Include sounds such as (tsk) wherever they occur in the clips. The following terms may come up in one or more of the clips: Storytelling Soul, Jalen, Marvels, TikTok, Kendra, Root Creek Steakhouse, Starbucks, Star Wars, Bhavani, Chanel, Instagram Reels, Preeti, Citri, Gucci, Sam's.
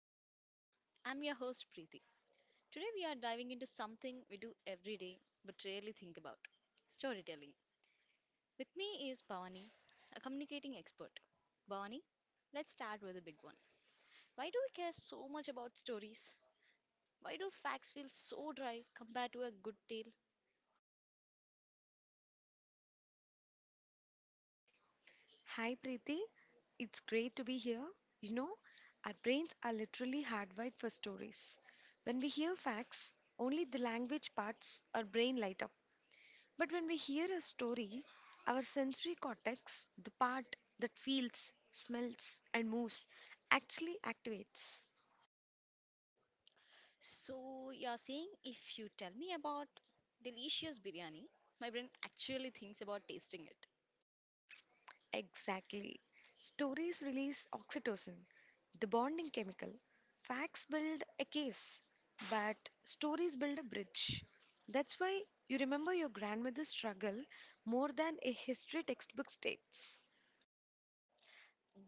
Storytelling Soul. I'm your host, Preeti. Today, we are diving into something we do every day but rarely think about storytelling. With me is Bhavani, a communicating expert. Bhavani, let's start with a big one. Why do we care so much about stories? Why do facts feel so dry compared to a good tale? Hi Preeti, it's great to be here. You know, our brains are literally hardwired for stories. When we hear facts, only the language parts our brain light up. But when we hear a story, our sensory cortex, the part that feels, smells, and moves, actually activates. So, you're saying if you tell me about delicious biryani, my brain actually thinks about tasting it. Exactly. Stories release oxytocin, the bonding chemical. Facts build a case, but stories build a bridge. That's why you remember your grandmother's struggle more than a history textbook states.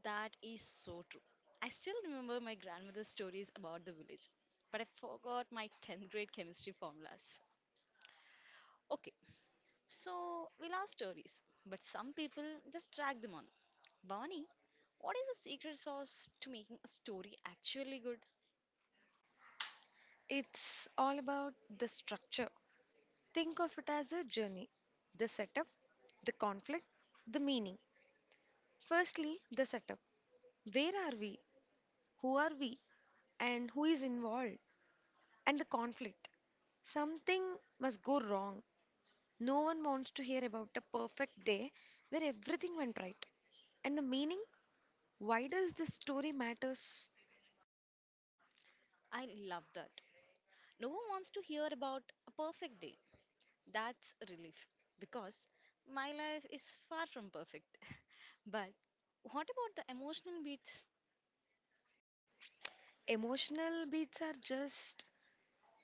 That is so true. I still remember my grandmother's stories about the village, but I forgot my 10th grade chemistry formulas. Okay, so we love stories, but some people just drag them on. Bhavani, what is the secret sauce to making a story actually good? It's all about the structure. Think of it as a journey: the setup, the conflict, the meaning. Firstly, the setup. Where are we? Who are we? And who is involved? And the conflict. Something must go wrong. No one wants to hear about a perfect day where everything went right. And the meaning? Why does this story matters? I love that. No one wants to hear about a perfect day. That's a relief because my life is far from perfect. (laughs) But what about the emotional beats? Emotional beats are just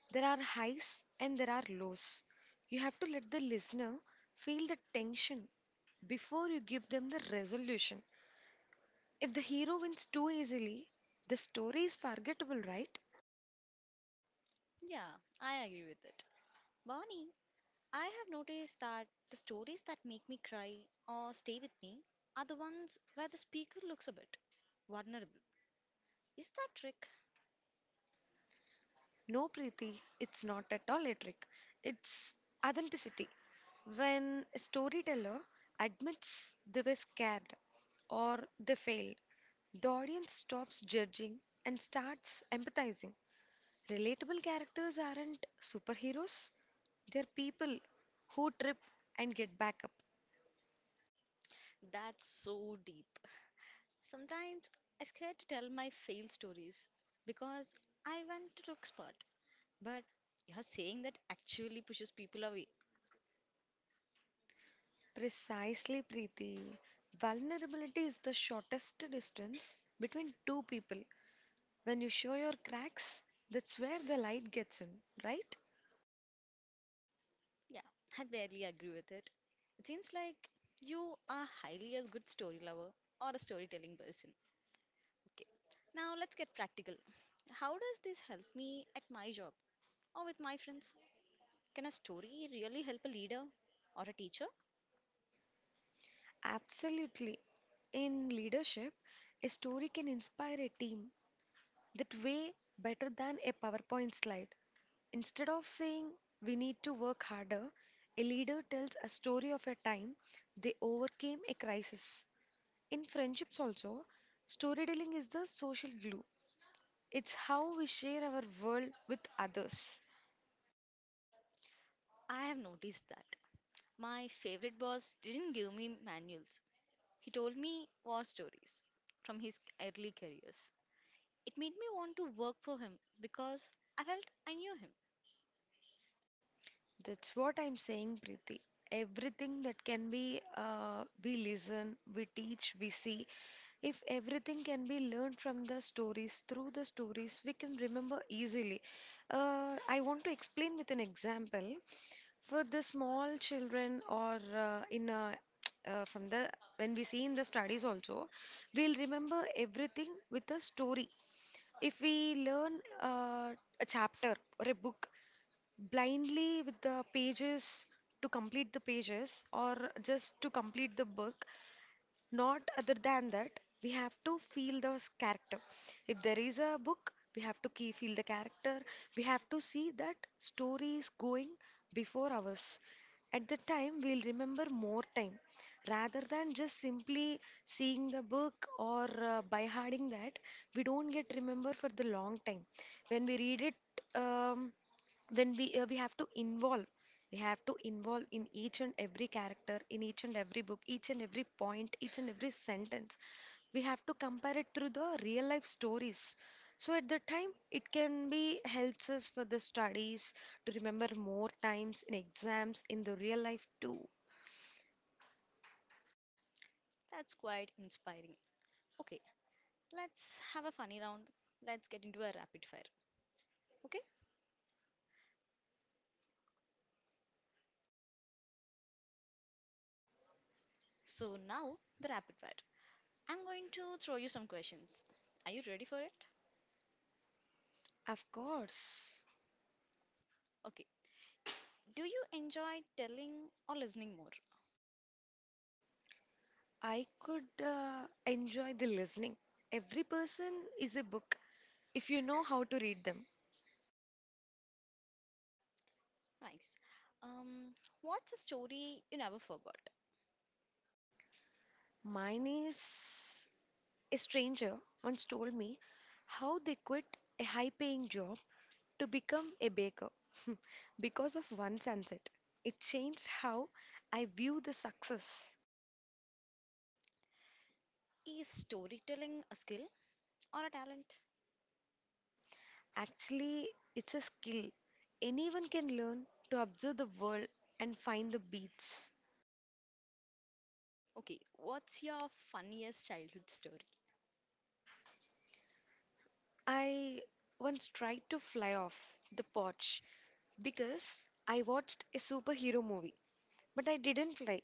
there are highs and there are lows. You have to let the listener feel the tension before you give them the resolution. If the hero wins too easily, the story is forgettable, right? Yeah, I agree with it. Bonnie, I have noticed that the stories that make me cry or stay with me are the ones where the speaker looks a bit vulnerable. Is that trick? No, Preeti, it's not at all a trick. It's authenticity. When a storyteller admits they were scared or they failed, the audience stops judging and starts empathizing. Relatable characters aren't superheroes, they're people who trip and get back up. That's so deep. Sometimes I scared to tell my failed stories because I went to the expert. But you're saying that actually pushes people away. Precisely, Preeti. Vulnerability is the shortest distance between two people. When you show your cracks, that's where the light gets in, right? Yeah, I barely agree with it. It seems like you are highly a good story lover or a storytelling person. Okay, now let's get practical. How does this help me at my job or with my friends? Can a story really help a leader or a teacher? Absolutely. In leadership, a story can inspire a team that way better than a PowerPoint slide. Instead of saying we need to work harder, a leader tells a story of a time they overcame a crisis. In friendships, also, storytelling is the social glue. It's how we share our world with others. I have noticed that. My favorite boss didn't give me manuals, he told me war stories from his early careers. It made me want to work for him because I felt I knew him. That's what I'm saying, Preeti. Everything that can be, we listen, we teach, we see. If everything can be learned from the stories, through the stories, we can remember easily. I want to explain with an example. For the small children or in a, from the when we see in the studies also, we'll remember everything with a story. If we learn uh, a chapter or a book blindly with the pages to complete the pages or just to complete the book. Not other than that, we have to feel the character. If there is a book, we have to key feel the character. We have to see that story is going before ours. At the time, we'll remember more time rather than just simply seeing the book or by harding that we don't get remember for the long time when we read it um, when we have to involve in each and every character, in each and every book, each and every point, each and every sentence. We have to compare it through the real life stories, so at that time it can be helps us for the studies to remember more times in exams, in the real life too. That's quite inspiring. Okay, let's have a funny round. Let's get into a rapid fire. Okay, so now the rapid fire. I'm going to throw you some questions. Are you ready for it? Of course. Okay. Do you enjoy telling or listening more? I could enjoy the listening. Every person is a book if you know how to read them. Nice. Um, what's a story you never forgot? Mine is. A stranger once told me how they quit a high paying job to become a baker (laughs) because of one sunset. It changed how I view the success. Is storytelling a skill or a talent? Actually, it's a skill. Anyone can learn to observe the world and find the beats. Okay, what's your funniest childhood story? I once tried to fly off the porch because I watched a superhero movie, but I didn't fly.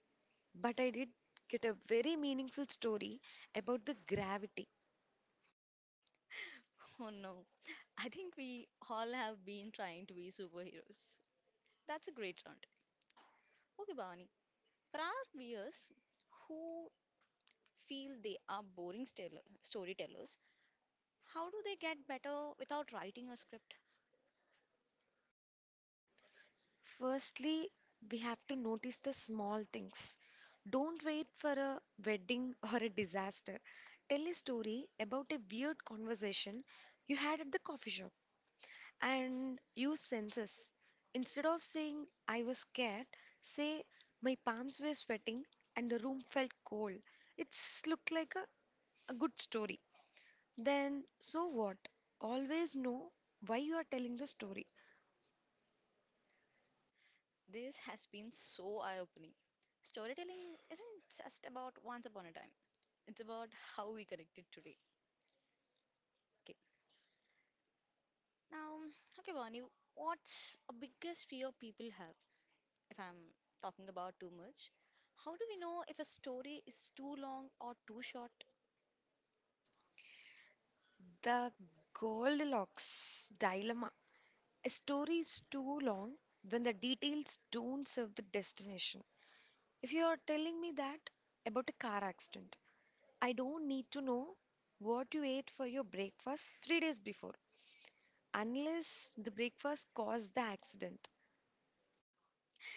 But I did get a very meaningful story about the gravity. (laughs) Oh no, I think we all have been trying to be superheroes. That's a great round. Okay, Bhavani, for our viewers who feel they are boring storytellers, how do they get better without writing a script? Firstly, we have to notice the small things. Don't wait for a wedding (laughs) or a disaster. Tell a story about a weird conversation you had at the coffee shop and use senses. Instead of saying, I was scared, say, my palms were sweating and the room felt cold. It's looked like a good story. Then, so what? Always know why you are telling the story. This has been so eye opening. Storytelling isn't just about once upon a time, it's about how we connect it today. Okay, now, okay, Bonnie, what's a biggest fear people have? If I'm talking about too much, how do we know if a story is too long or too short? The Goldilocks dilemma. A story is too long when the details don't serve the destination. If you are telling me that about a car accident, I don't need to know what you ate for your breakfast 3 days before, unless the breakfast caused the accident.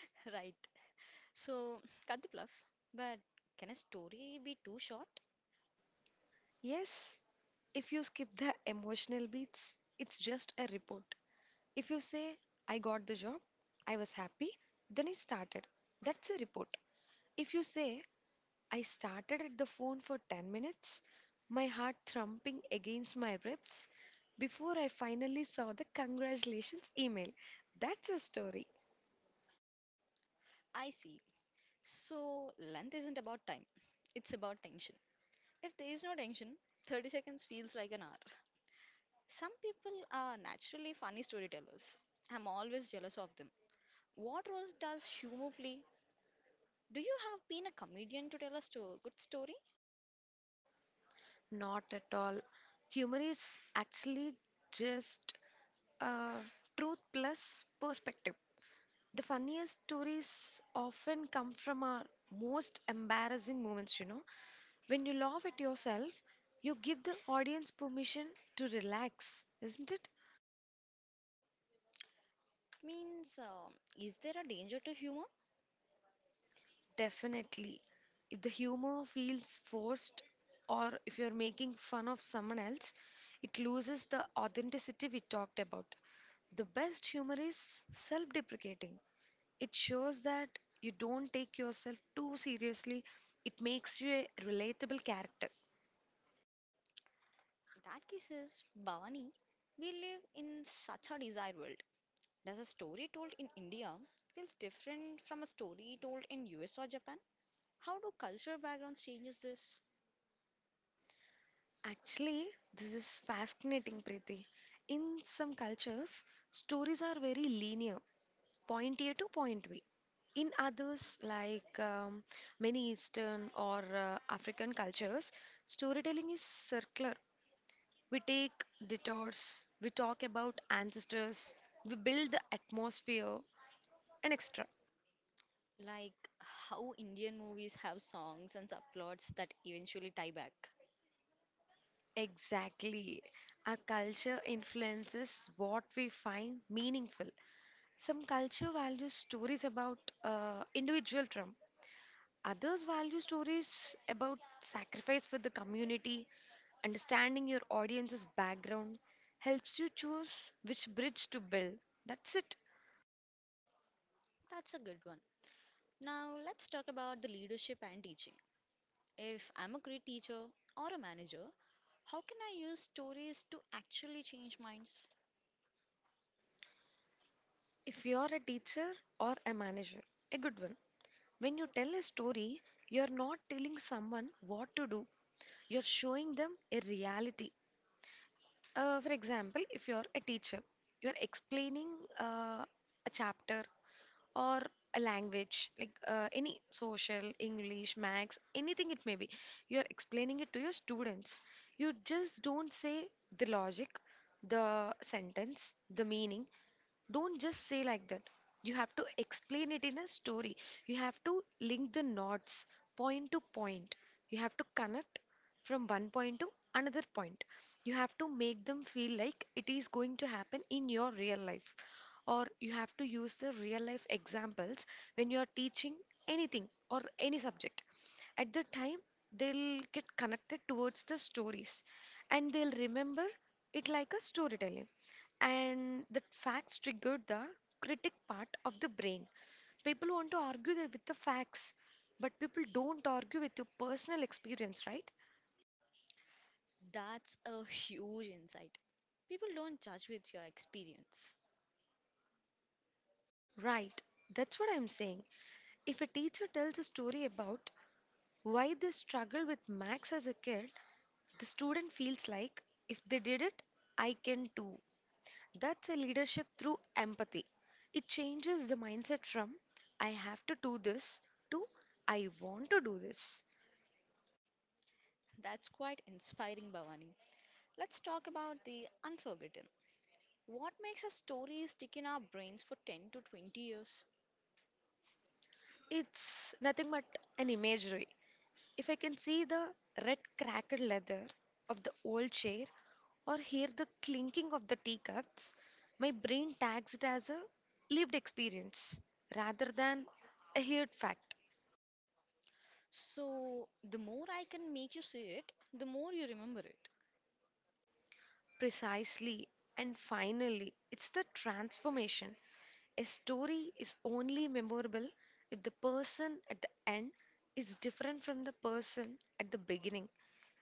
(laughs) Right, so cut the bluff. But can a story be too short? Yes, if you skip the emotional beats, it's just a report. If you say, I got the job, I was happy, then I started, that's a report. If you say, I started at the phone for 10 minutes, my heart thumping against my ribs before I finally saw the congratulations email. That's a story. I see. So, length isn't about time, it's about tension. If there is no tension, 30 seconds feels like an hour. Some people are naturally funny storytellers. I'm always jealous of them. What role does humor play? Do you have been a comedian to tell a good story? Not at all. Humor is actually just uh, truth plus perspective. The funniest stories often come from our most embarrassing moments. When you laugh at yourself, you give the audience permission to relax, isn't it? Means, is there a danger to humor? Definitely. If the humor feels forced or if you're making fun of someone else, it loses the authenticity we talked about. The best humor is self deprecating. It shows that you don't take yourself too seriously, it makes you a relatable character. In that case is Bhavani. We live in such a desired world. Does a story told in India feels different from a story told in US or Japan? How do cultural backgrounds changes this? Actually, this is fascinating, Preeti. In some cultures, stories are very linear. Point A to point B. In others, like many Eastern or African cultures, storytelling is circular. We take detours, we talk about ancestors, we build the atmosphere, and extra. Like how Indian movies have songs and subplots that eventually tie back. Exactly. Our culture influences what we find meaningful. Some culture values stories about individual trauma. Others value stories about sacrifice for the community. Understanding your audience's background helps you choose which bridge to build. That's it. That's a good one. Now let's talk about the leadership and teaching. If I'm a great teacher or a manager, how can I use stories to actually change minds? If you're a teacher or a manager, a good one. When you tell a story, you're not telling someone what to do, you're showing them a reality. For example, if you're a teacher, you're explaining uh, a chapter or a language like any social English max, anything it may be. You are explaining it to your students. You just don't say the logic, the sentence, the meaning. Don't just say like that. You have to explain it in a story. You have to link the knots point to point. You have to connect from one point to another point. You have to make them feel like it is going to happen in your real life, or you have to use the real life examples when you are teaching anything or any subject. At the time, they'll get connected towards the stories and they'll remember it like a storytelling. And the facts triggered the critic part of the brain. People want to argue that with the facts, but people don't argue with your personal experience, right? That's a huge insight. People don't judge with your experience. Right. That's what I'm saying. If a teacher tells a story about why they struggled with max as a kid, the student feels like, if they did it, I can too. That's a leadership through empathy. It changes the mindset from, I have to do this, to, I want to do this. That's quite inspiring, Bhavani. Let's talk about the unforgotten. What makes a story stick in our brains for 10 to 20 years? It's nothing but an imagery. If I can see the red cracked leather of the old chair or hear the clinking of the teacups, my brain tags it as a lived experience rather than a heard fact. So, the more I can make you see it, the more you remember it. Precisely. And finally, it's the transformation. A story is only memorable if the person at the end is different from the person at the beginning.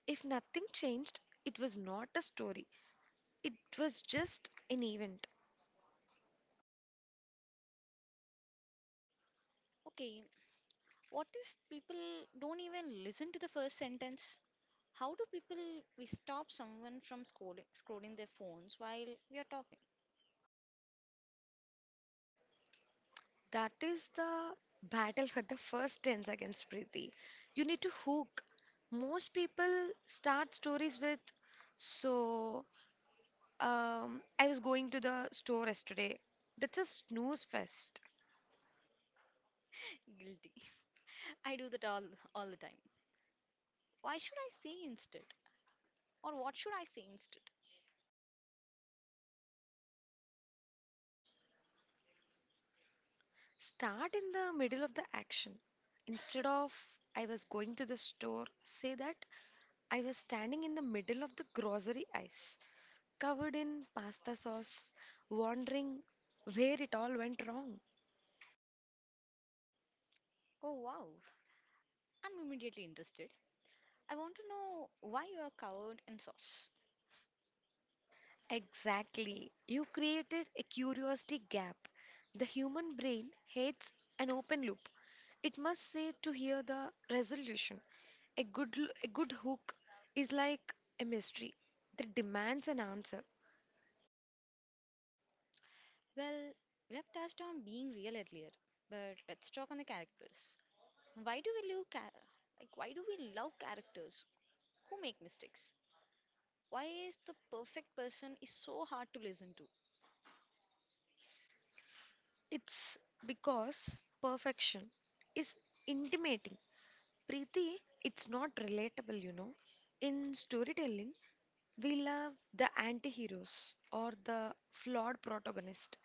If nothing changed, it was not a story, it was just an event. Okay, what if people don't even listen to the first sentence? How do people we stop someone from scrolling their phones while we are talking? That is the battle for the first 10 seconds, Preeti. You need to hook. Most people start stories with, so, I was going to the store yesterday. That's a snooze fest. Guilty. (laughs) I do that all the time. Why should I say instead? Or what should I say instead? Start in the middle of the action. Instead of I was going to the store, say that I was standing in the middle of the grocery aisle, covered in pasta sauce, wondering where it all went wrong. Oh wow, I'm immediately interested. I want to know why you are covered in sauce. Exactly. You created a curiosity gap. The human brain hates an open loop. It must say to hear the resolution. A good hook is like a mystery that demands an answer. Well, we have touched on being real earlier, but let's talk on the characters. Why do we love like why do we love characters who make mistakes? Why is the perfect person is so hard to listen to? It's because perfection is intimating. Preeti, it's not relatable. In storytelling, we love the anti heroes or the flawed protagonist.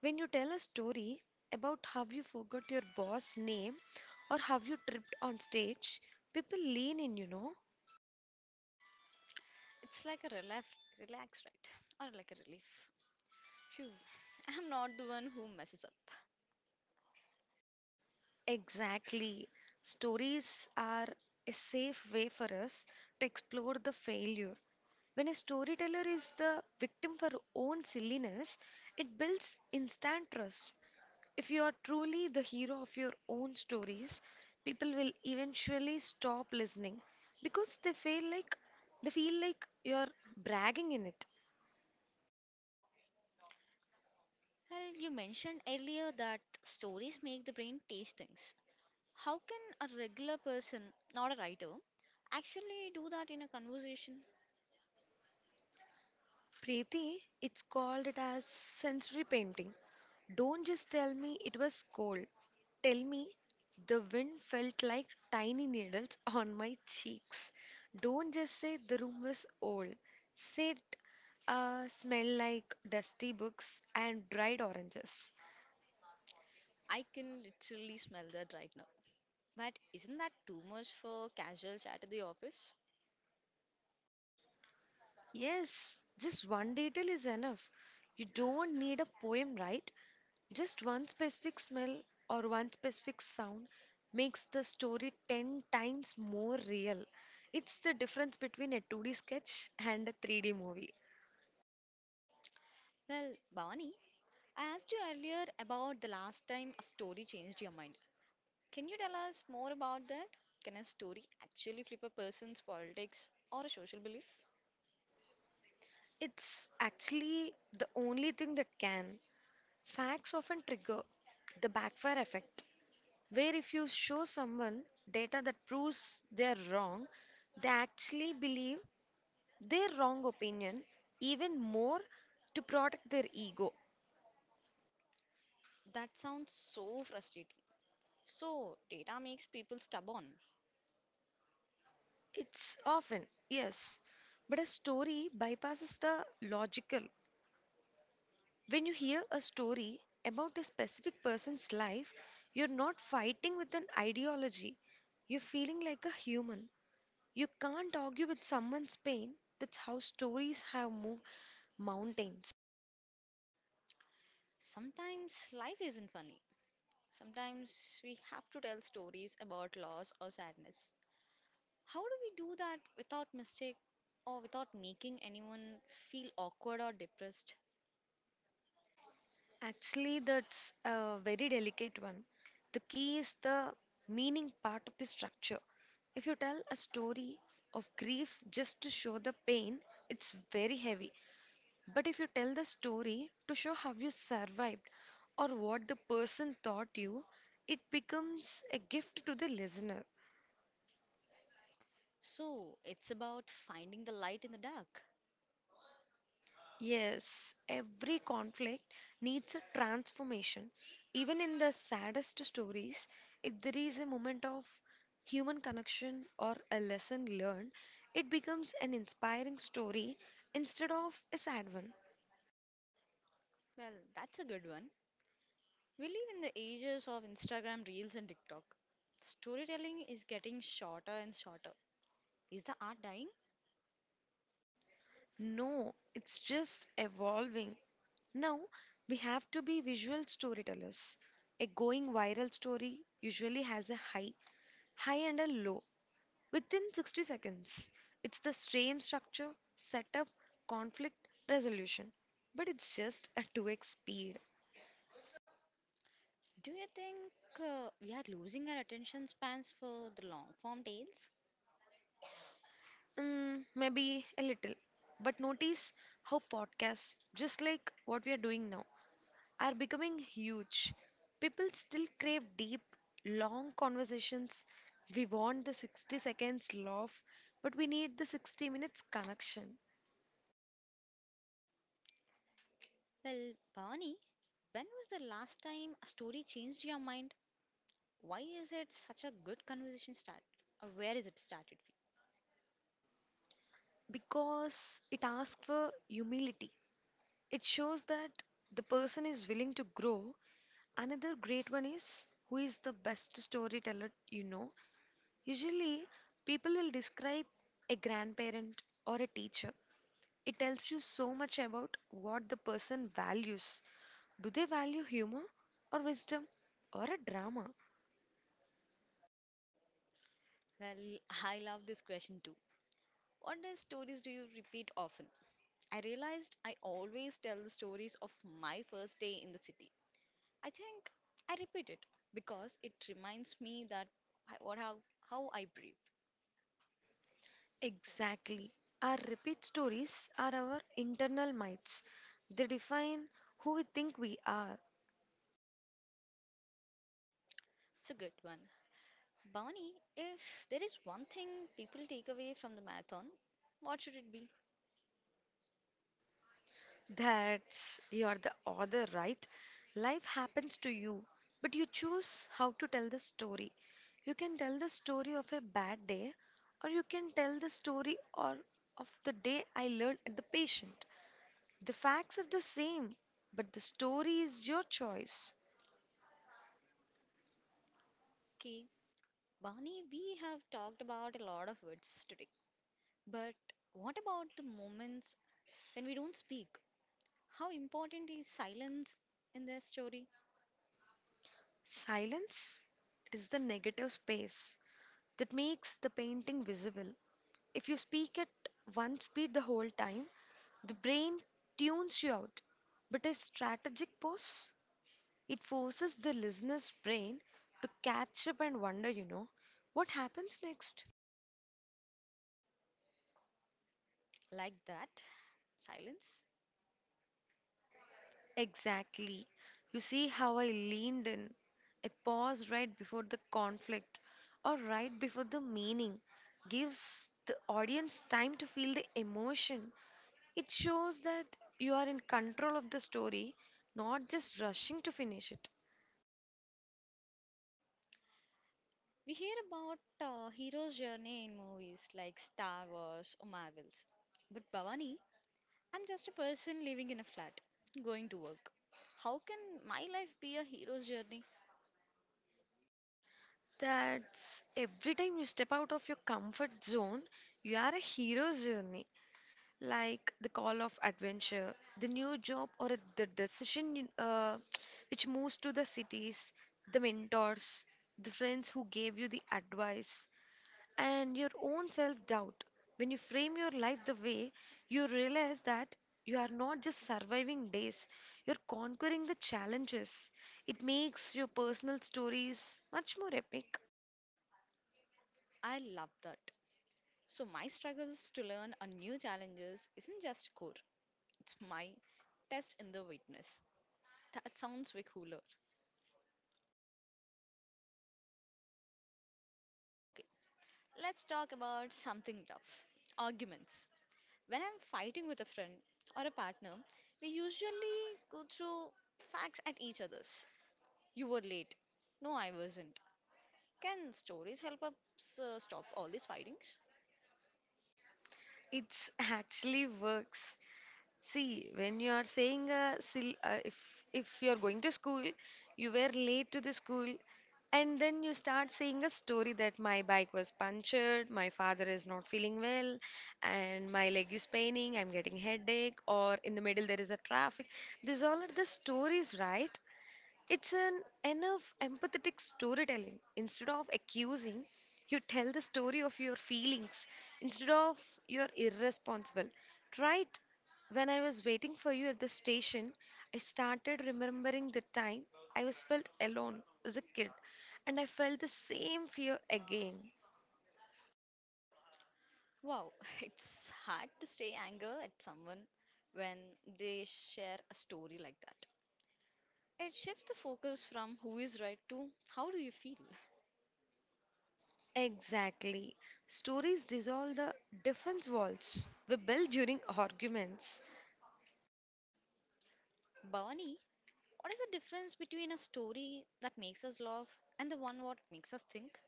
When you tell a story about how you forgot your boss name or how you tripped on stage, people lean in. It's like a relax, relax, right? Or like a relief. Phew, I'm not the one who messes up. Exactly. Stories are a safe way for us to explore the failure. When a storyteller is the victim for her own silliness, it builds instant trust. If you are truly the hero of your own stories, people will eventually stop listening because they feel like you're bragging in it. Well, you mentioned earlier that stories make the brain taste things. How can a regular person, not a writer, actually do that in a conversation? Preeti, it's called it as sensory painting. Don't just tell me it was cold. Tell me the wind felt like tiny needles (laughs) on my cheeks. Don't just say the room was old. Say it smelled like dusty books and dried oranges. I can literally smell that right now. But isn't that too much for casual chat at the office? Yes, just one detail is enough. You don't need a poem, right? Just one specific smell or one specific sound makes the story 10 times more real. It's the difference between a 2D sketch and a 3D movie. Well, Bonnie, I asked you earlier about the last time a story changed your mind. Can you tell us more about that? Can a story actually flip a person's politics or a social belief? It's actually the only thing that can. Facts often trigger the backfire effect, where if you show someone data that proves they're wrong, they actually believe their wrong opinion even more to protect their ego. That sounds so frustrating. So, data makes people stubborn. It's often, yes, but a story bypasses the logical. When you hear a story about a specific person's life, you're not fighting with an ideology, you're feeling like a human. You can't argue with someone's pain. That's how stories have moved mountains. Sometimes life isn't funny. Sometimes we have to tell stories about loss or sadness. How do we do that without mistake or without making anyone feel awkward or depressed? Actually, that's a very delicate one. The key is the meaning part of the structure. If you tell a story of grief just to show the pain, it's very heavy. But if you tell the story to show how you survived or what the person taught you, it becomes a gift to the listener. So, it's about finding the light in the dark. Yes, every conflict needs a transformation. Even in the saddest stories, if there is a moment of human connection or a lesson learned, it becomes an inspiring story instead of a sad one. Well, that's a good one. We live in the ages of Instagram Reels and TikTok. Storytelling is getting shorter and shorter. Is the art dying? No, it's just evolving. Now, we have to be visual storytellers. A going viral story usually has a high, high and a low within 60 seconds. It's the same structure, setup, conflict, resolution, but it's just at 2x speed. Do you think we are losing our attention spans for the long form tales? Maybe a little. But notice how podcasts, just like what we are doing now, are becoming huge. People still crave deep, long conversations. We want the 60 seconds laugh, but we need the 60 minutes connection Well, Barney, when was the last time a story changed your mind? Why is it such a good conversation start? Or where is it started? because it asks for humility. It shows that the person is willing to grow. Another great one is who is the best storyteller you know. Usually, people will describe a grandparent or a teacher. It tells you so much about what the person values. Do they value humor or wisdom or a drama? Well, I love this question too. What are stories do you repeat often? I realized I always tell the stories of my first day in the city. I think I repeat it because it reminds me that I, what how I breathe. Exactly. Our repeat stories are our internal myths. They define who we think we are. It's a good one. Bonnie, if there is one thing people take away from the marathon, what should it be? That's you are the author, right? Life happens to you, but you choose how to tell the story. You can tell the story of a bad day, or you can tell the story or of the day I learned at the patient. The facts are the same, but the story is your choice. Okay, Bonnie, we have talked about a lot of words today, but what about the moments when we don't speak? How important is silence in their story? Silence is the negative space that makes the painting visible. If you speak at one speed the whole time, the brain tunes you out, but a strategic pause, it forces the listener's brain to catch up and wonder, you know, what happens next? Like that, silence. Exactly. You see how I leaned in. A pause right before the conflict or right before the meaning gives the audience time to feel the emotion. It shows that you are in control of the story, not just rushing to finish it. We hear about hero's journey in movies like Star Wars or Marvels. But Bhavani, I'm just a person living in a flat, going to work. How can my life be a hero's journey? That's every time you step out of your comfort zone, you are a hero's journey. Like the call of adventure, the new job, or the decision you- uh, (tsk) which moves to the cities, the mentors, the friends who gave you the advice, and your own self doubt. When you frame your life the way, you realize that you are not just surviving days, you're conquering the challenges. It makes your personal stories much more epic. I love that. So my struggles to learn a new challenges isn't just core. It's my test in the witness. That sounds way cooler. Okay, let's talk about something tough. Arguments. When I'm fighting with a friend or a partner, we usually go through facts at each other's. You were late. No, I wasn't. Can stories help us stop all these fightings? It's actually works. See, when you are saying if you're going to school, you were late to the school, and then you start saying a story that my bike was punctured, my father is not feeling well, and my leg is paining, I'm getting headache, or in the middle there is a traffic. These all are the stories, right? It's an enough empathetic storytelling. Instead of accusing, you tell the story of your feelings. Instead of you're irresponsible. Try it. When I was waiting for you at the station, I started remembering the time I was felt alone as a kid, and I felt the same fear again. Wow, (laughs) it's hard to stay anger at someone when they share a story like that. It shifts the focus from who is right to how do you feel. Exactly. Stories dissolve the defense walls we build during arguments. Bhavani, what is the difference between a story that makes us laugh and the one what makes us think?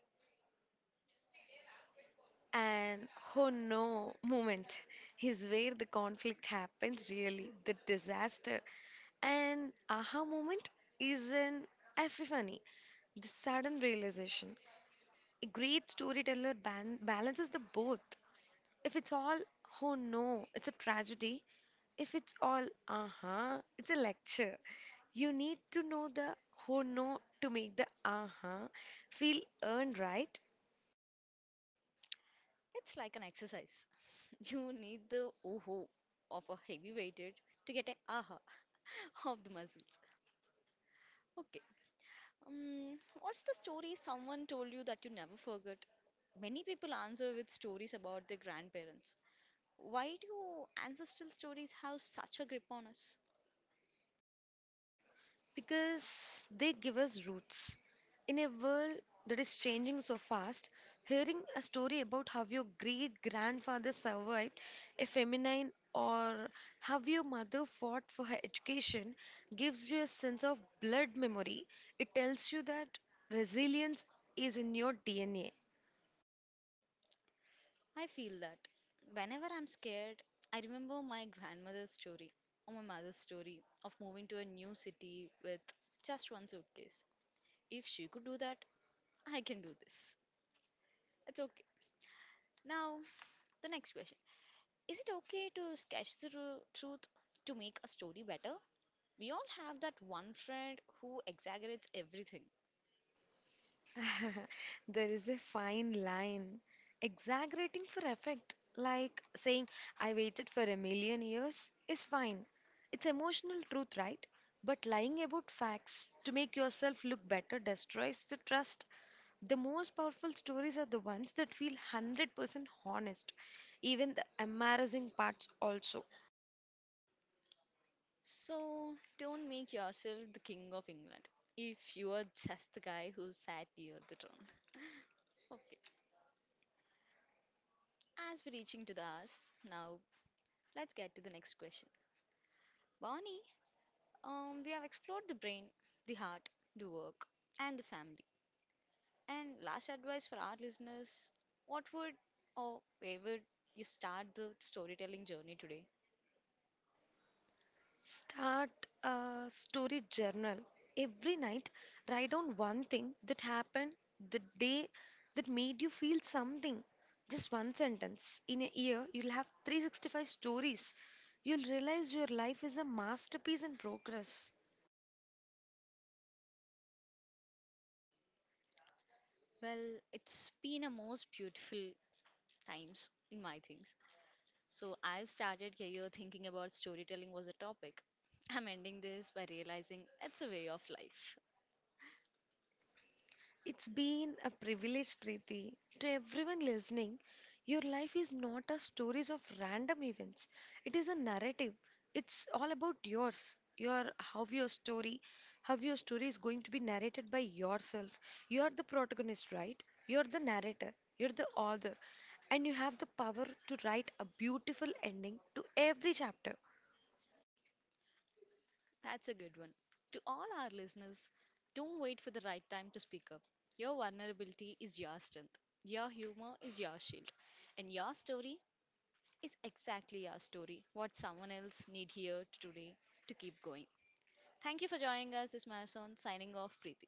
And oh no moment is where the conflict happens really, the disaster. And aha moment is an epiphany, the sudden realization. A great storyteller balances the both. If it's all oh no, it's a tragedy. If it's all aha, it's a lecture. You need to know the oh no to make the aha feel earned, right? It's like an exercise. (laughs) You need the oho of a heavy weighted to get an aha (laughs) of the muscles. Okay. What's the story someone told you that you never forgot? Many people answer with stories about their grandparents. Why do ancestral stories have such a grip on us? Because they give us roots. In a world that is changing so fast, hearing a story about how your great grandfather survived a feminine or how your mother fought for her education gives you a sense of blood memory. It tells you that resilience is in your DNA. I feel that whenever I'm scared, I remember my grandmother's story or my mother's story of moving to a new city with just one suitcase. If she could do that, I can do this. It's okay. Now, the next question. Is it okay to sketch the truth to make a story better? We all have that one friend who exaggerates everything. (laughs) There is a fine line. Exaggerating for effect, like saying, I waited for a million years, is fine. It's emotional truth, right? But lying about facts to make yourself look better destroys the trust. The most powerful stories are the ones that feel 100% honest, even the embarrassing parts also. So, don't make yourself the king of England if you are just the guy who sat near the throne. As we're reaching to the hours, now let's get to the next question. Barney, we have explored the brain, the heart, the work, and the family. And last advice for our listeners what would or where would you start the storytelling journey today? Start a story journal. Every night, write down one thing that happened the day that made you feel something. Just one sentence. In a year, you'll have 365 stories. You'll realize your life is a masterpiece in progress. Well, it's been a most beautiful times in my things. So I've started here thinking about storytelling was a topic. (laughs) I'm ending this by realizing it's a way of life. It's been a privilege, Preeti. To everyone listening, your life is not a stories of random events. It is a narrative. It's all about yours. Your how your story is going to be narrated by yourself. You're the protagonist, right? You're the narrator. You're the author, and you have the power to write a beautiful ending to every chapter. That's a good one. To all our listeners, don't wait for the right time to speak up. Your vulnerability is your strength. Your humor is your shield. And your story is exactly our story, what someone else need here today to keep going. Thank you for joining us this marathon. Signing off, Preeti.